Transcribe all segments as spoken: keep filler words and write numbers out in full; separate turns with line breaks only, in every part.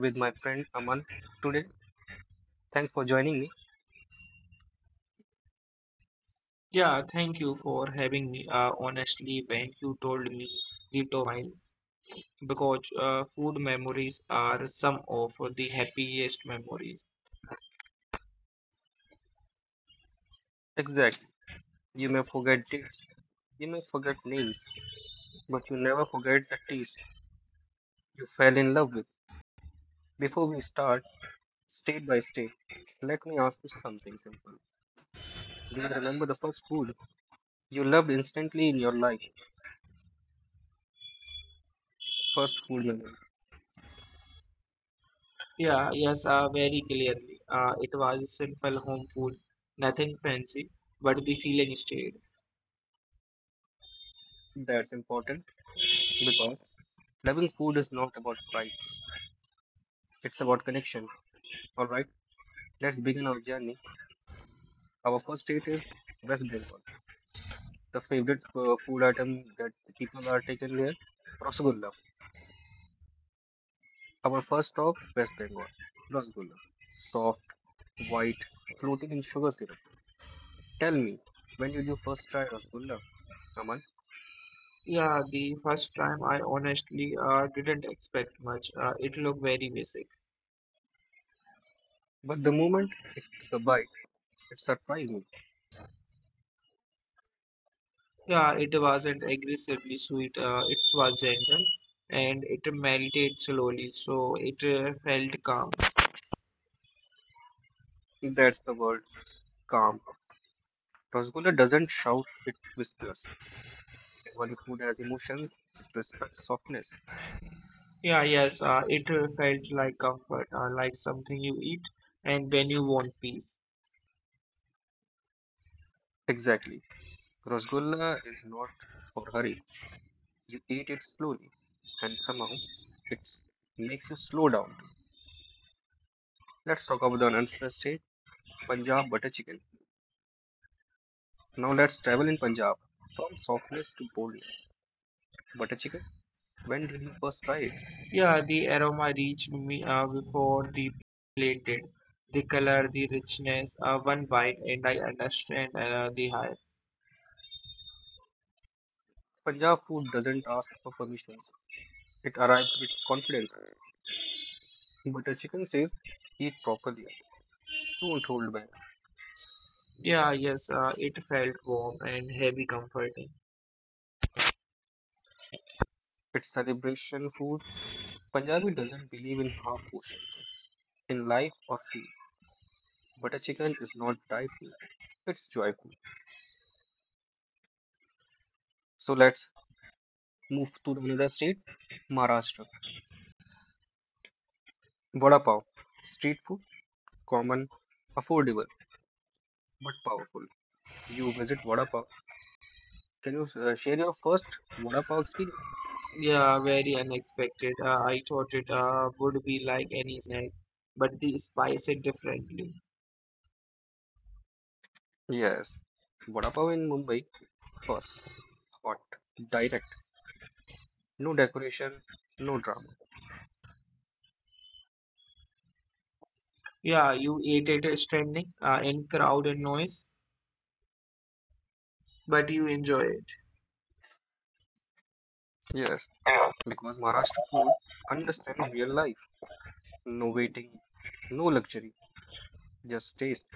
with my friend Aman today. Thanks for joining me.
Yeah, thank you for having me. Uh, honestly, when you told me the topic, I smiled because uh, food memories are some of the happiest memories.
Exactly. You may forget dates, you may forget names, but you never forget the taste you fell in love with. Before we start, state by state, let me ask you something simple. Do you remember the first food you loved instantly in your life? First food memory.
Yeah, yes, uh, very clearly. Uh, it was simple home food, nothing fancy, but the feeling stayed.
That's important because loving food is not about price, it's about connection. All right, let's begin our journey. Our first state is West Bengal, the favorite uh, food item that people are taking here, rasgulla. Our first stop, West Bengal, rasgulla. Soft, white, floating in sugar syrup. Tell me, when did you first try rasgulla, Aman?
Yeah, the first time I honestly uh, didn't expect much. Uh, it looked very basic.
But the moment it took a bite, it surprised me.
Yeah, it wasn't aggressively sweet. Uh, it was gentle, and it melted slowly, so it uh, felt calm.
That's the word, calm. Rasgulla doesn't shout, it whispers. And when the food has emotion, it respects softness.
Yeah, yes. Uh, it uh, felt like comfort, uh, like something you eat, and when you want peace.
Exactly. Rasgulla is not for hurry. You eat it slowly, and somehow it makes you slow down too. Let's talk about the another state, Punjab butter chicken. Now let's travel in Punjab from softness to boldness. Butter chicken. When did you first try it?
Yeah, the aroma reached me uh, before the plate did. The color, the richness. Uh, one bite, and I understand uh, the high.
Punjab food doesn't ask for permissions. It arrives with confidence. Butter chicken says, "Eat properly. Don't hold back."
Yeah, yes. Uh, it felt warm and heavy, comforting.
It's celebration food. Punjabi doesn't believe in half portions in life or food. But a chicken is not joyful, it's joyful. So let's move to another state, Maharashtra. Vada pav, street food, common, affordable, but powerful. You visit Vada pav. Can you uh, share your first Vada pav experience?
Yeah, very unexpected. Uh, I thought it uh, would be like any snack, but they spice it differently.
Yes, Vada pav in Mumbai, first, hot, direct, no decoration, no drama.
Yeah, you ate it standing uh, in crowd and noise, but you enjoy it.
Yes, because Maharashtra food understand real life, no waiting, no luxury, just taste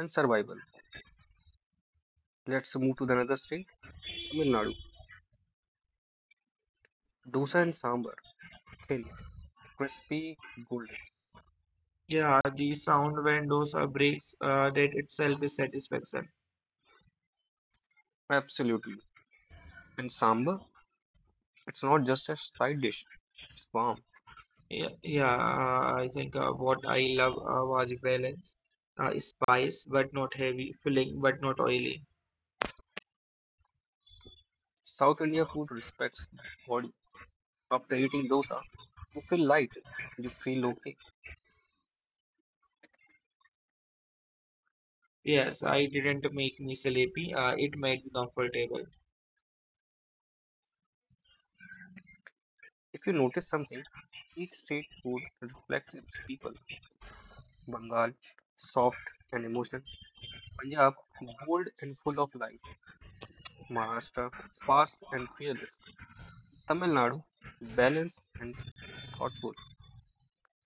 and survival. Let's move to the another state. Tamil Nadu, dosa and sambar, thin, crispy, golden.
Yeah, the sound when those are breaks, uh, that itself is satisfaction.
Absolutely. And sambar, it's not just a side dish, it's warm.
Yeah, yeah. Uh, I think uh, what I love uh, was balance, uh, spice but not heavy, filling but not oily.
South India food respects the body. After eating dosa, you feel light, you feel okay.
Yes, I didn't make me sleepy. Uh, it made me comfortable.
If you notice something, each state food reflects its people. Bengal, soft and emotional. Punjab, bold and full of life. Maharashtra, fast and fearless. Tamil Nadu, balanced and thoughtful.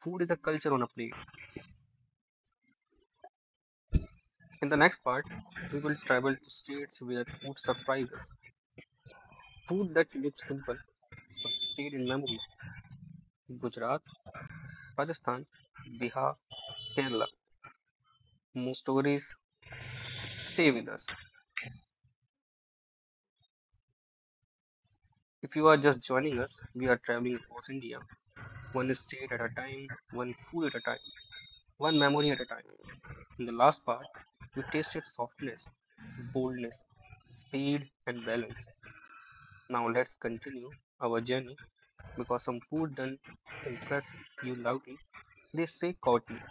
Food is a culture on a plate. In the next part, we will travel to states where food surprises, food that looks simple but stayed in memory. Gujarat, Rajasthan, Bihar, Kerala. More stories stay with us. If you are just joining us, we are traveling across India, one state at a time, one food at a time, one memory at a time. In the last part, we tasted softness, boldness, speed, and balance. Now let's continue our journey because some food doesn't impress you loudly. This street Kotli.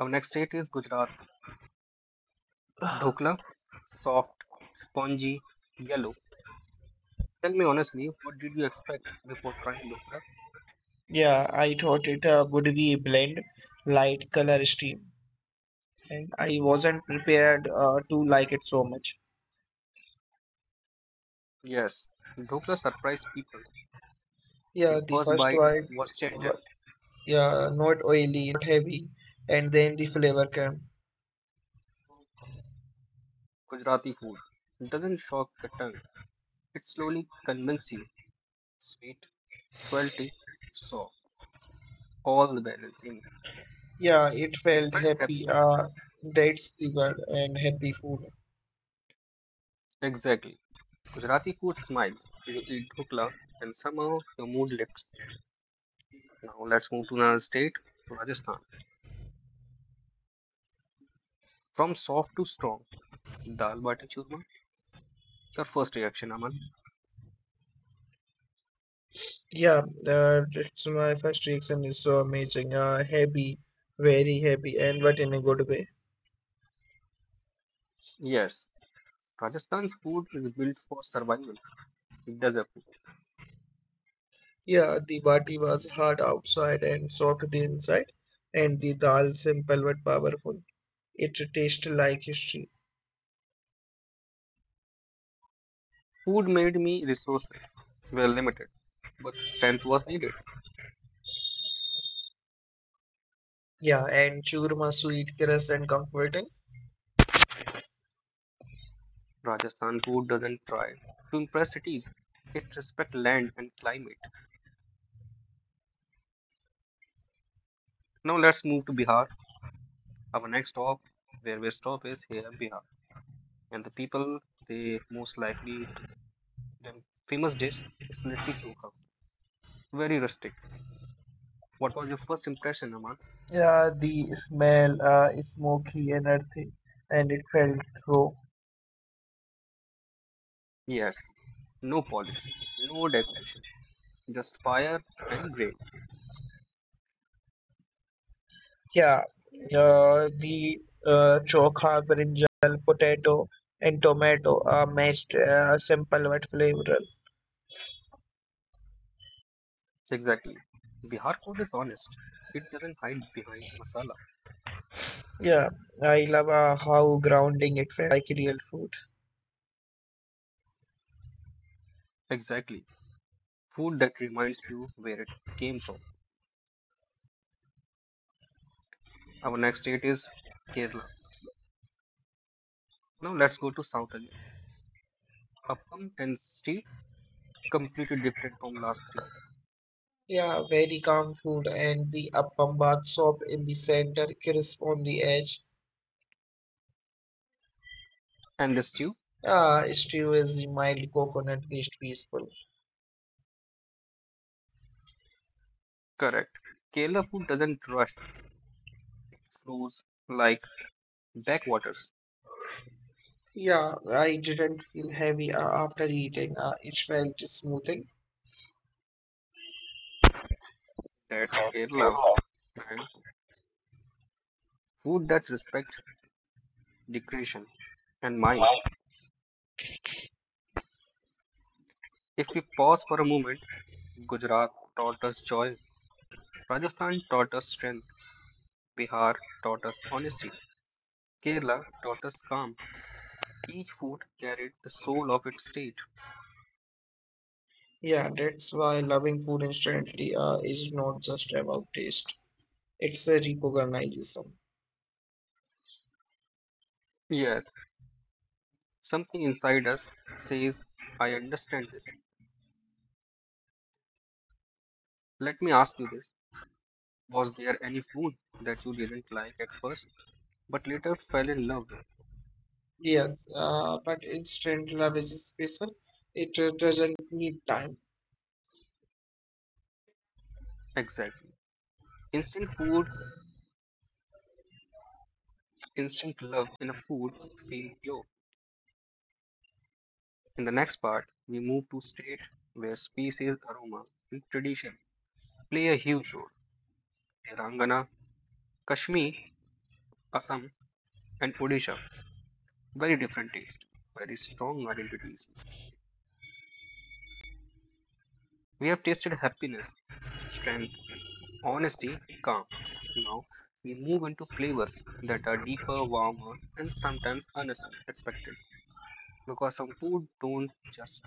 Our next state is Gujarat. Dhokla, soft, spongy, yellow. Tell me honestly, what did you expect before trying dhokla?
Yeah, I thought it uh, would be a blend, light color stream, and I wasn't prepared uh, to like it so much.
Yes, dhokla surprised people. The
Yeah, the
first
first
bite
one,
was gentle.
wa- yeah, not oily, not heavy, and then the flavor came.
Gujarati food doesn't shock the tongue. It slowly convinces you. Sweet, salty, soft, all the balance in.
Yeah, it
It
felt
felt happy.
happy. Uh, that's the word, and happy food.
Exactly. Gujarati food smiles. You eat dhokla and somehow your mood lifts. Now let's move to another state, Rajasthan. From soft to strong, dal bati churma. Your first reaction, Aman?
Yeah, uh, it's my first reaction is so amazing. Uh, heavy, very heavy, and but in a good way.
Yes, Rajasthan's food is built for survival. It does approve.
Yeah, the bati was hard outside and soft the inside, and the dal simple but powerful. It tasted like history.
Food made me resources were limited, but strength was needed.
Yeah, and churma sweet, crisp, and comforting.
Rajasthan food doesn't try to impress cities. It respects land and climate. Now let's move to Bihar. Our next stop, where we stop is here, Bihar. And the people, they most likely, to- the famous dish is litti chokha. Very rustic. What was your first impression, Aman?
Yeah, the smell uh, smoky and earthy, and it felt raw.
Yes, no polish, no decoration, just fire and gray.
Yeah, uh, the uh, chokha, brinjal, potato, and tomato are mashed uh, simple but flavorful.
Exactly. Bihar food is honest. It doesn't hide behind masala.
Yeah, I love uh, how grounding it felt, uh, like real food.
Exactly. Food that reminds you where it came from. Our next state is Kerala. Now let's go to South again. Appam and stew completely different from last three.
Yeah, very calm food and the appam bath soft in the center, crisp on the edge.
And the stew,
Ah, stew is the mild coconut taste peaceful.
correct. Kerala food doesn't rush. It flows like backwaters.
Yeah, I didn't feel heavy uh, after eating. Uh, it felt smoothing.
That's Kerala. And food that respects Decretion, and mind. If we pause for a moment, Gujarat taught us joy, Rajasthan taught us strength, Bihar taught us honesty, Kerala taught us calm. Each food carried the soul of its state.
Yeah, that's why loving food instantly uh, is not just about taste. It's a recognition.
Yes, something inside us says, I understand this. Let me ask you this. Was there any food that you didn't like at first, but later fell in love with?
Yes, uh, but instant love is special. It uh, doesn't need time.
Exactly. Instant food, instant love in a food feel pure. In the next part, we move to state where species, aroma, and tradition play a huge role. Telangana, Kashmir, Assam, and Odisha, very different taste, very strong identities. We have tasted happiness, strength, honesty, calm. Now we move into flavors that are deeper, warmer, and sometimes unexpected because some food don't just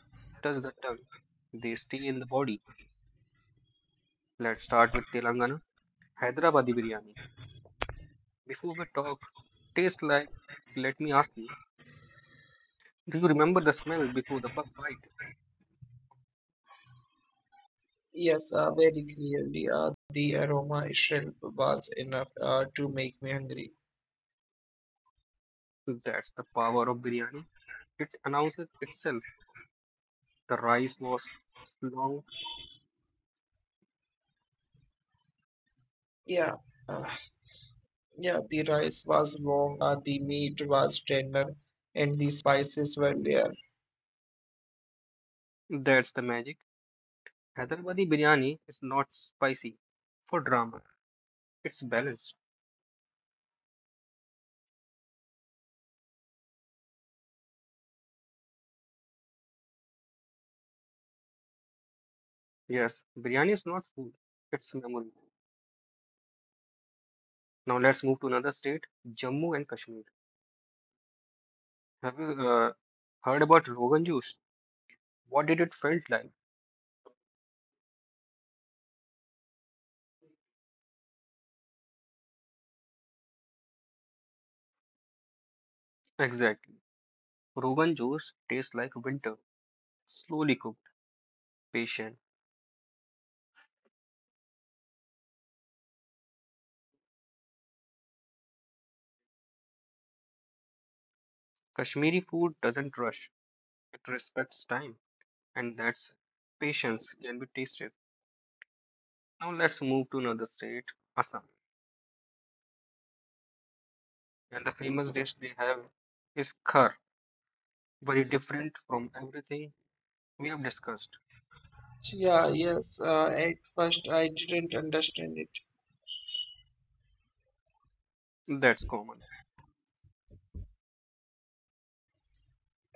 touch the tongue; they stay in the body. Let's start with Telangana, Hyderabadi biryani. Before we talk, taste like, let me ask you, do you remember the smell before the first bite?
Yes, uh, very clearly. Uh, the aroma itself was enough uh, to make me hungry.
That's the power of biryani. It announces itself. The rice was long.
Yeah, uh, yeah. The rice was long. Uh, the meat was tender, and the spices were there.
That's the magic. Hyderabadi biryani is not spicy for drama. It's balanced. Yes, biryani is not food. It's memory. Now let's move to another state, Jammu and Kashmir. Have you uh, heard about Rogan juice? What did it felt like? Exactly. Rogan juice tastes like winter slowly cooked. Patient. Kashmiri food doesn't rush, it respects time, and that's patience can be tasted. Now let's move to another state, Assam. And the famous dish they have is khar, very different from everything we have discussed.
Yeah, yes. Uh, at first, I didn't understand it.
That's common.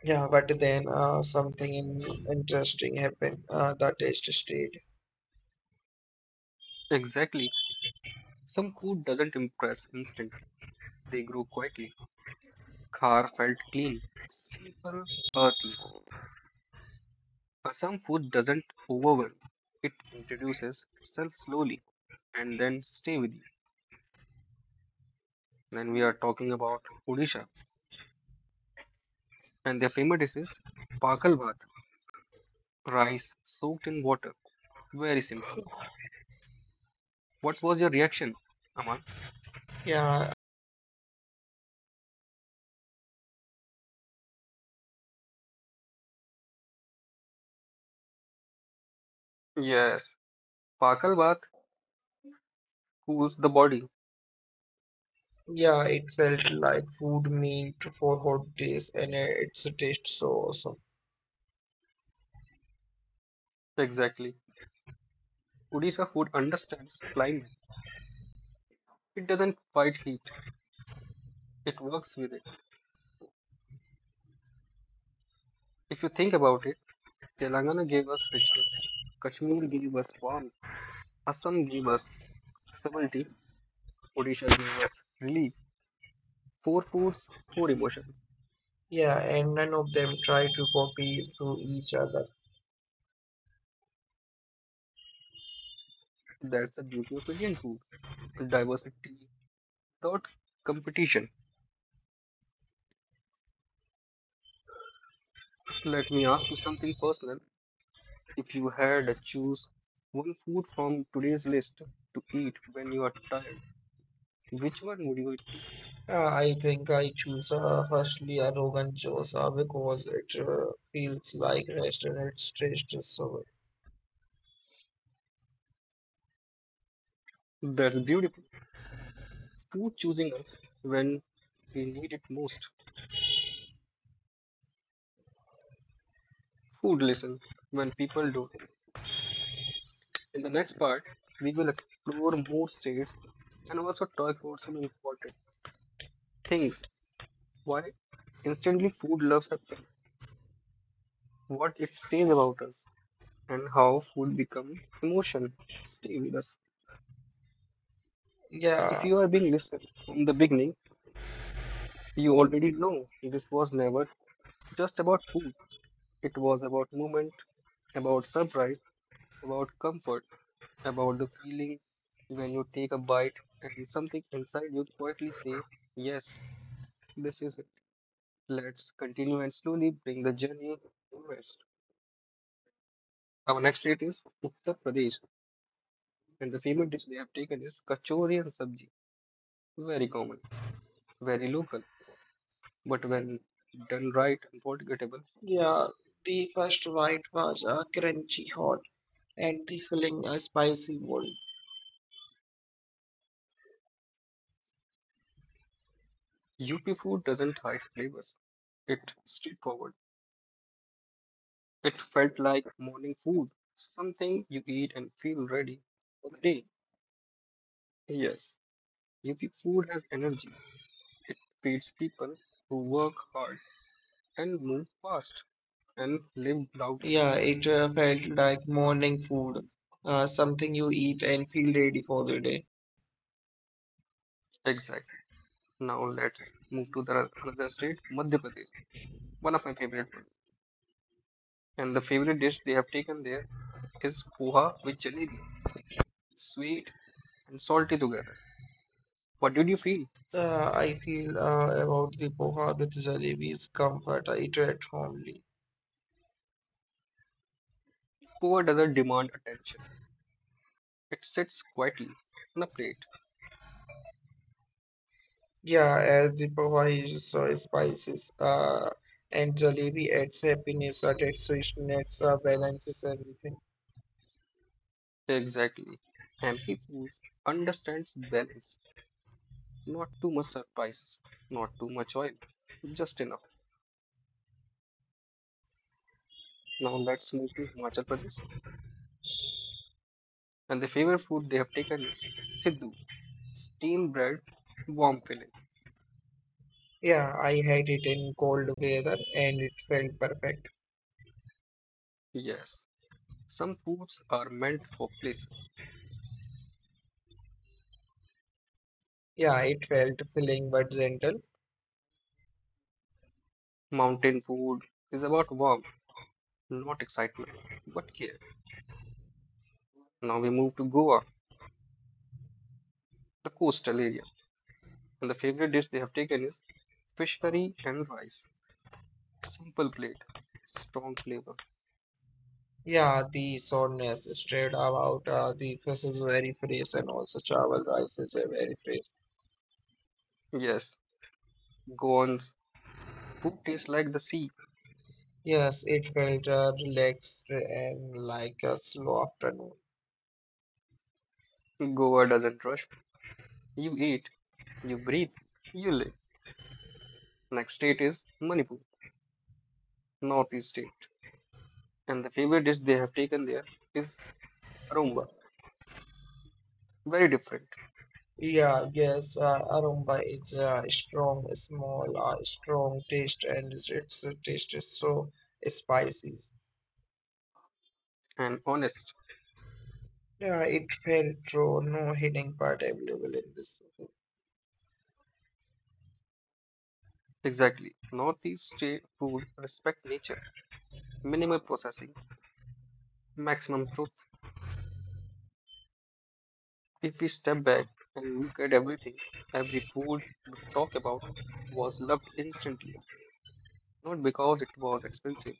Yeah, but then uh, something in- interesting happened. Uh, the test stayed.
Exactly. Some food doesn't impress instantly, they grow quietly. Khar felt clean, simple, earthy. Assam food doesn't overwhelm, it introduces itself slowly and then stay with you. And we are talking about Odisha and their famous dish, Pakal Bhat, rice soaked in water. Very simple. What was your reaction, Aman?
Yeah,
Yes, Pakal Bhat cools the body.
Yeah, it felt like food meant for hot days, and it's taste so awesome.
Exactly. Odisha food understands climate. It doesn't fight heat, it works with it. If you think about it, Telangana gave us richness, Kashmir gave us warmth, Assam gave us stability, Odisha gave us relief. Four foods, four emotions.
Yeah, and none of them try to copy to each other.
That's the beauty of Indian food. Diversity without competition. Let me ask you something personal. If you had to choose one food from today's list to eat when you are tired, which one would you eat?
Uh, I think I choose uh, firstly a Rogan Josh uh, because it uh, feels like restaurant taste is so.
That's beautiful. Food choosing us when we need it most. Food listen when people don't. In the next part, we will explore more states and also talk about some important things. Why instantly food loves us, what it says about us. And how food become emotion. Stay with us. If
Yeah,
you are being listened from the beginning, you already know this was never just about food. It was about movement, about surprise, about comfort, about the feeling when you take a bite and something inside you quietly say, yes, this is it. Let's continue and slowly bring the journey to rest. Our next state is Uttar Pradesh, and the favorite dish they have taken is kachori and sabji. Very common, very local. But when done right and forgettable,
Yeah, the first bite was a crunchy hot and the filling a spicy bold.
U P food doesn't hide flavors. It's straightforward. It felt like morning food, something you eat and feel ready for the day. Yes, U P food has energy. It feeds people who work hard and move fast and live loudly.
Yeah, it uh, felt like
Oh,
morning food, uh, something you eat and feel ready for the day.
exactly. Now let's move to the another state, Madhya Pradesh, one of my favorite ones. And the favorite dish they have taken there is poha with jalebi, sweet and salty together. What did you feel?
Uh, I feel uh, about the poha with jalebi is comfort. I treat homely.
Poor doesn't demand attention. It sits quietly on a plate.
Yeah, as the poha is so spices, uh, and jalebi adds happiness, uh, adds sweetness, uh, balances everything.
Exactly. Empty foods understands balance. Not too much surprise, not too much oil, just enough. Now let's move to Himachal Pradesh. And the favorite food they have taken is Sidhu, steamed bread, warm filling.
Yeah, I had it in cold weather and it felt perfect.
Yes, some foods are meant for places.
Yeah, it felt filling but gentle.
Mountain food is about warmth, not excitement, but care. Now we move to Goa, the coastal area. And the favorite dish they have taken is fish curry and rice. Simple plate, strong flavor.
Yeah, the soreness straight about uh, the faces very fresh and also travel rises were very fresh.
Yes, Goan's food tastes like the sea.
Yes, it felt uh, relaxed and like a slow afternoon.
Goa doesn't rush. You eat, you breathe, you live. Next state is Manipur, northeast state. And the favorite dish they have taken there is aromba. Very different
Yeah, yes, uh, aromba is uh, strong, small, uh, strong taste and its its taste is so spicy.
and honest.
Yeah, it felt true, no hidden part available in this.
Exactly. Northeast state food respect nature, minimal processing, maximum truth. If we step back and look at everything, every food we talk about was loved instantly, not because it was expensive,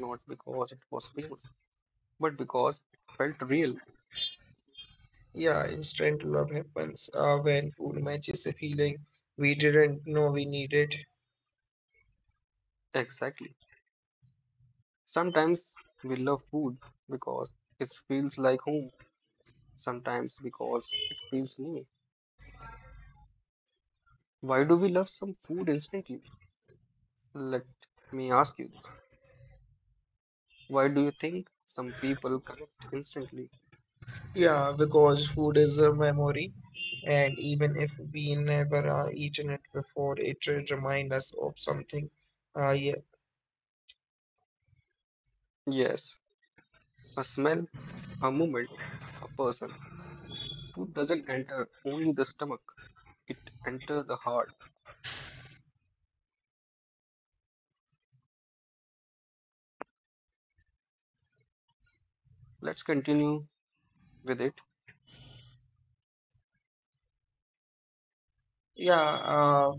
not because it was famous, but because it felt real.
Yeah, instant love happens uh, when food matches a feeling we didn't know we needed.
Exactly. Sometimes we love food because it feels like home, sometimes because it feels new. Why do we love some food instantly? Let me ask you this. Why do you think some people connect instantly?
Yeah, because food is a memory, and even if we never uh, eaten it before, it re- remind us of something. Uh, yeah,
Yes, a smell, a moment, a person. Food doesn't enter only the stomach, it enters the heart. Let's continue with it.
yeah. Uh,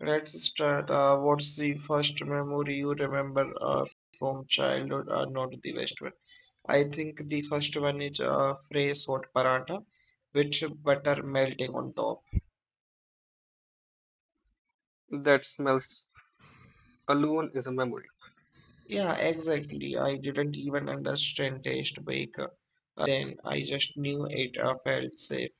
let's start. Uh, what's the first memory you remember uh, from childhood? Uh, not the best one. I think the first one is uh, fresh hot paratha with butter melting on top.
That smells alone is a memory.
Yeah, exactly. I didn't even understand taste baker. Uh, then I just knew it uh, felt safe.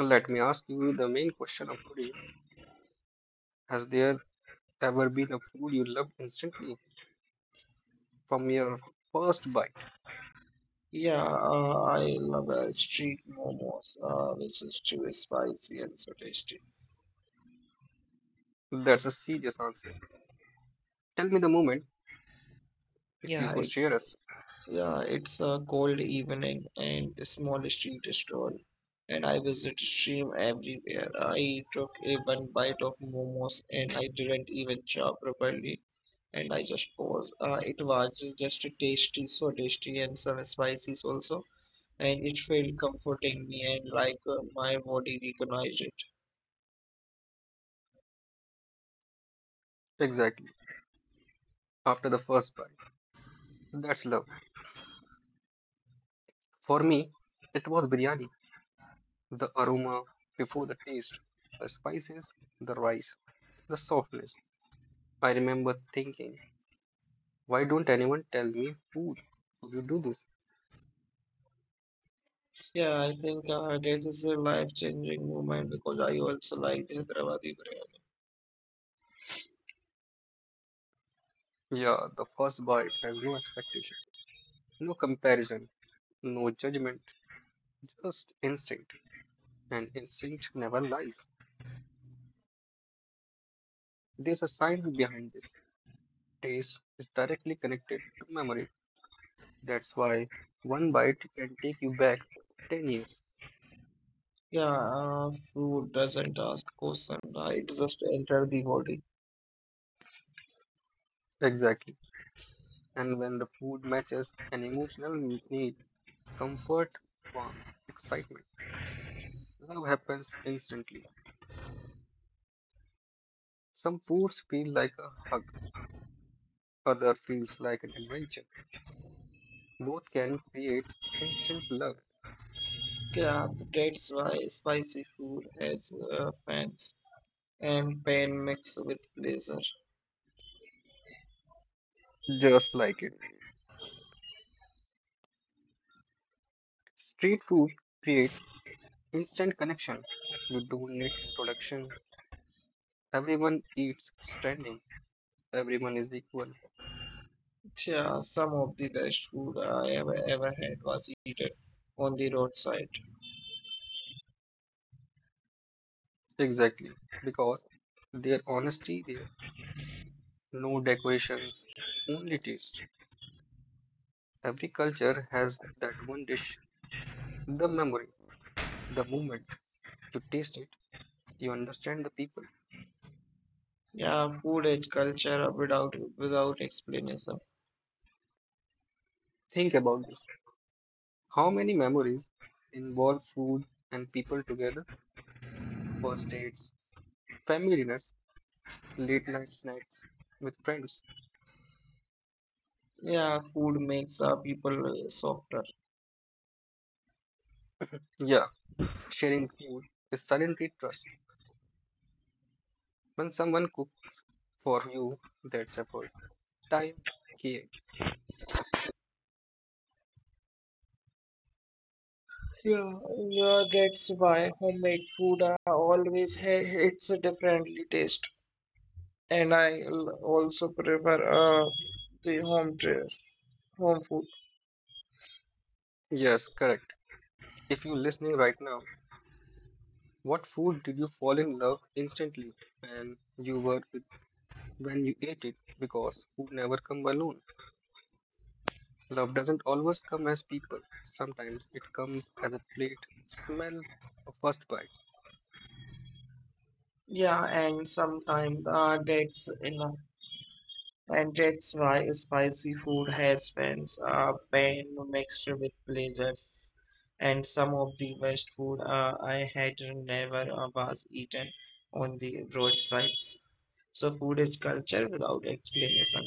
Let me ask you the main question of today. Has there ever been a food you loved instantly from your first bite?
Yeah, uh, I love uh, street momos, uh, which is too spicy and so tasty.
That's a serious answer. Tell me the moment if you
Yeah,
could
it's
share us.
yeah, it's a cold evening and a small street stall, and I visit stream everywhere. I took a one bite of momos and I didn't even chow properly, and I just paused. Uh, it was just tasty, so tasty, and some spices also, and it felt comforting me and like uh, my body recognized it.
Exactly. After the first bite. That's love. For me, it was biryani. The aroma before the taste, the spices, the rice, the softness. I remember thinking, why don't anyone tell me food? Could you do this?
Yeah, I think uh, that is a life-changing moment because I also like the Hyderabadi biryani.
Yeah, the first bite has no expectation, no comparison, no judgment, just instinct. And instinct never lies. There's a science behind this. Taste is directly connected to memory. That's why one bite can take you back ten years.
Yeah, uh, food doesn't ask question, uh, it just enter the body.
Exactly. And when the food matches an emotional need, comfort, warmth, excitement. Love happens instantly. Some foods feel like a hug, other feels like an adventure. Both can create instant love,
Yeah, that's why spicy food has uh, fans and pain mixed with pleasure.
just like it. Street food creates instant connection. You don't need introduction. Everyone eats standing. Everyone is equal.
Yeah, some of the best food I ever ever had was eaten on the roadside.
Exactly. Because their honesty there. No decorations, only taste. Every culture has that one dish, the memory, the moment you taste it, you understand the people.
Yeah, food is culture without without explanation.
Think about this. How many memories involve food and people together? First dates, family dinners, late night snacks with friends.
Yeah, food makes uh, people uh, softer.
Yeah, sharing food is suddenly trust. When someone cooks for you, that's effort. Time, care.
Yeah, yeah, that's why homemade food I always had it's a differently taste, and I l- also prefer uh the home taste, home food.
Yes, correct. If you're listening right now, what food did you fall in love instantly and you were with when you ate it? Because food never come alone. Love doesn't always come as people. Sometimes it comes as a plate, smell, a first bite.
Yeah, and sometimes uh that's enough, and that's why spicy food has fans uh pain mixed with pleasures, and some of the best food uh, I had never uh, was eaten on the roadsides. So food is culture without explanation.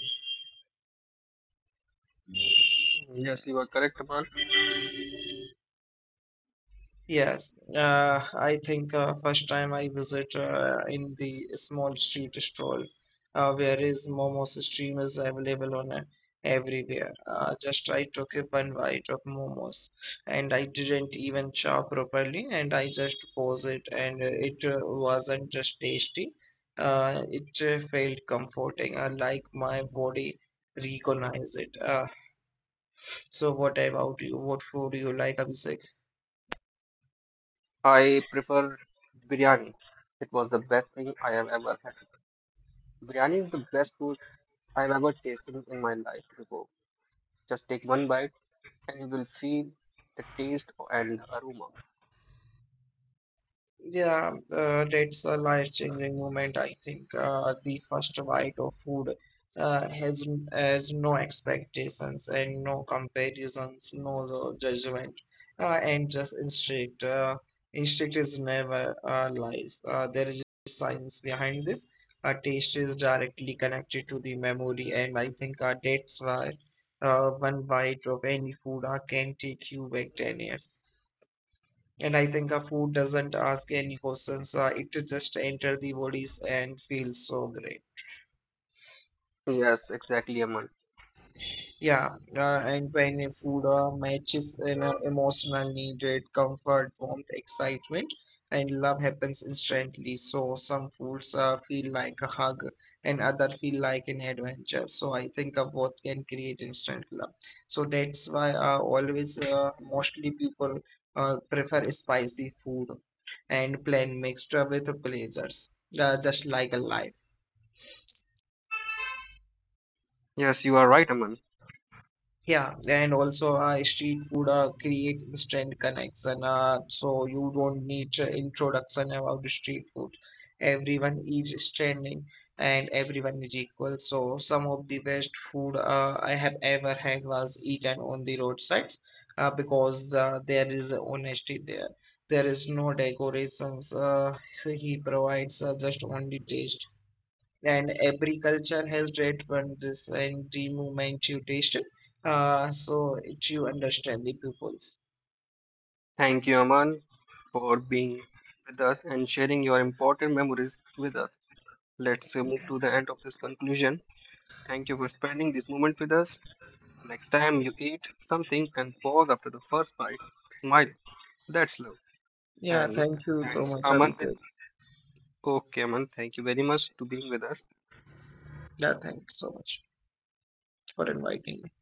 Mm, Yes, you are correct, Aman.
Yes, uh, I think uh, first time I visit uh, in the small street stall, uh, where is momos stream is available on uh, everywhere. Uh, just I took a one bite of momos, and I didn't even chow properly, and I just pose it, and uh, it uh, wasn't just tasty. Uh, it uh, felt comforting, uh, like my body recognized it. Uh, so what about you? What food do you like, Abhishek?
I prefer biryani. It was the best thing I have ever had. Biryani is the best food I have ever tasted in my life before. Just take one bite and you will feel the taste and the aroma.
Yeah, uh, that's a life-changing moment. I think uh, the first bite of food uh, has has no expectations and no comparisons, no no judgment, uh, and just instinct. Uh, instinct is never uh, lies. Uh, there is science behind this. Uh, taste is directly connected to the memory, and I think uh, that's why uh, one bite of any food uh, can take you back ten years. And I think a food doesn't ask any questions. Uh, it just enter the bodies and feels so great.
Yes, exactly, Aman.
Yeah, uh, and when a food uh, matches an uh, emotional need, it comfort, warmth, excitement, and love happens instantly. So some foods uh, feel like a hug, and other feel like an adventure. So I think uh, both can create instant love. So that's why uh, always uh, mostly people uh, prefer spicy food and plain mixed with pleasures, uh, just like a life.
Yes, you are right, Aman.
Yeah, and also uh, street food uh, create instant connection. Uh, so you don't need uh, introduction about the street food. Everyone is trending and everyone is equal. So some of the best food uh, I have ever had was eaten on the roadsides uh, because uh, there is honesty there. There is no decorations. Uh, so he provides uh, just only taste, and every culture has that one this, and the moment you taste uh, so it you understand the pupils.
Thank you, Aman, for being with us and sharing your important memories with us. Let's uh, move to the end of this conclusion. Thank you for spending this moment with us. Next time you eat something and pause after the first bite, smile. That's love.
Yeah,
And
thank you so
thanks,
much,
Aman.
Abhishek.
Okay, Aman, thank you very much to being with us.
Yeah, thank you so much for inviting me.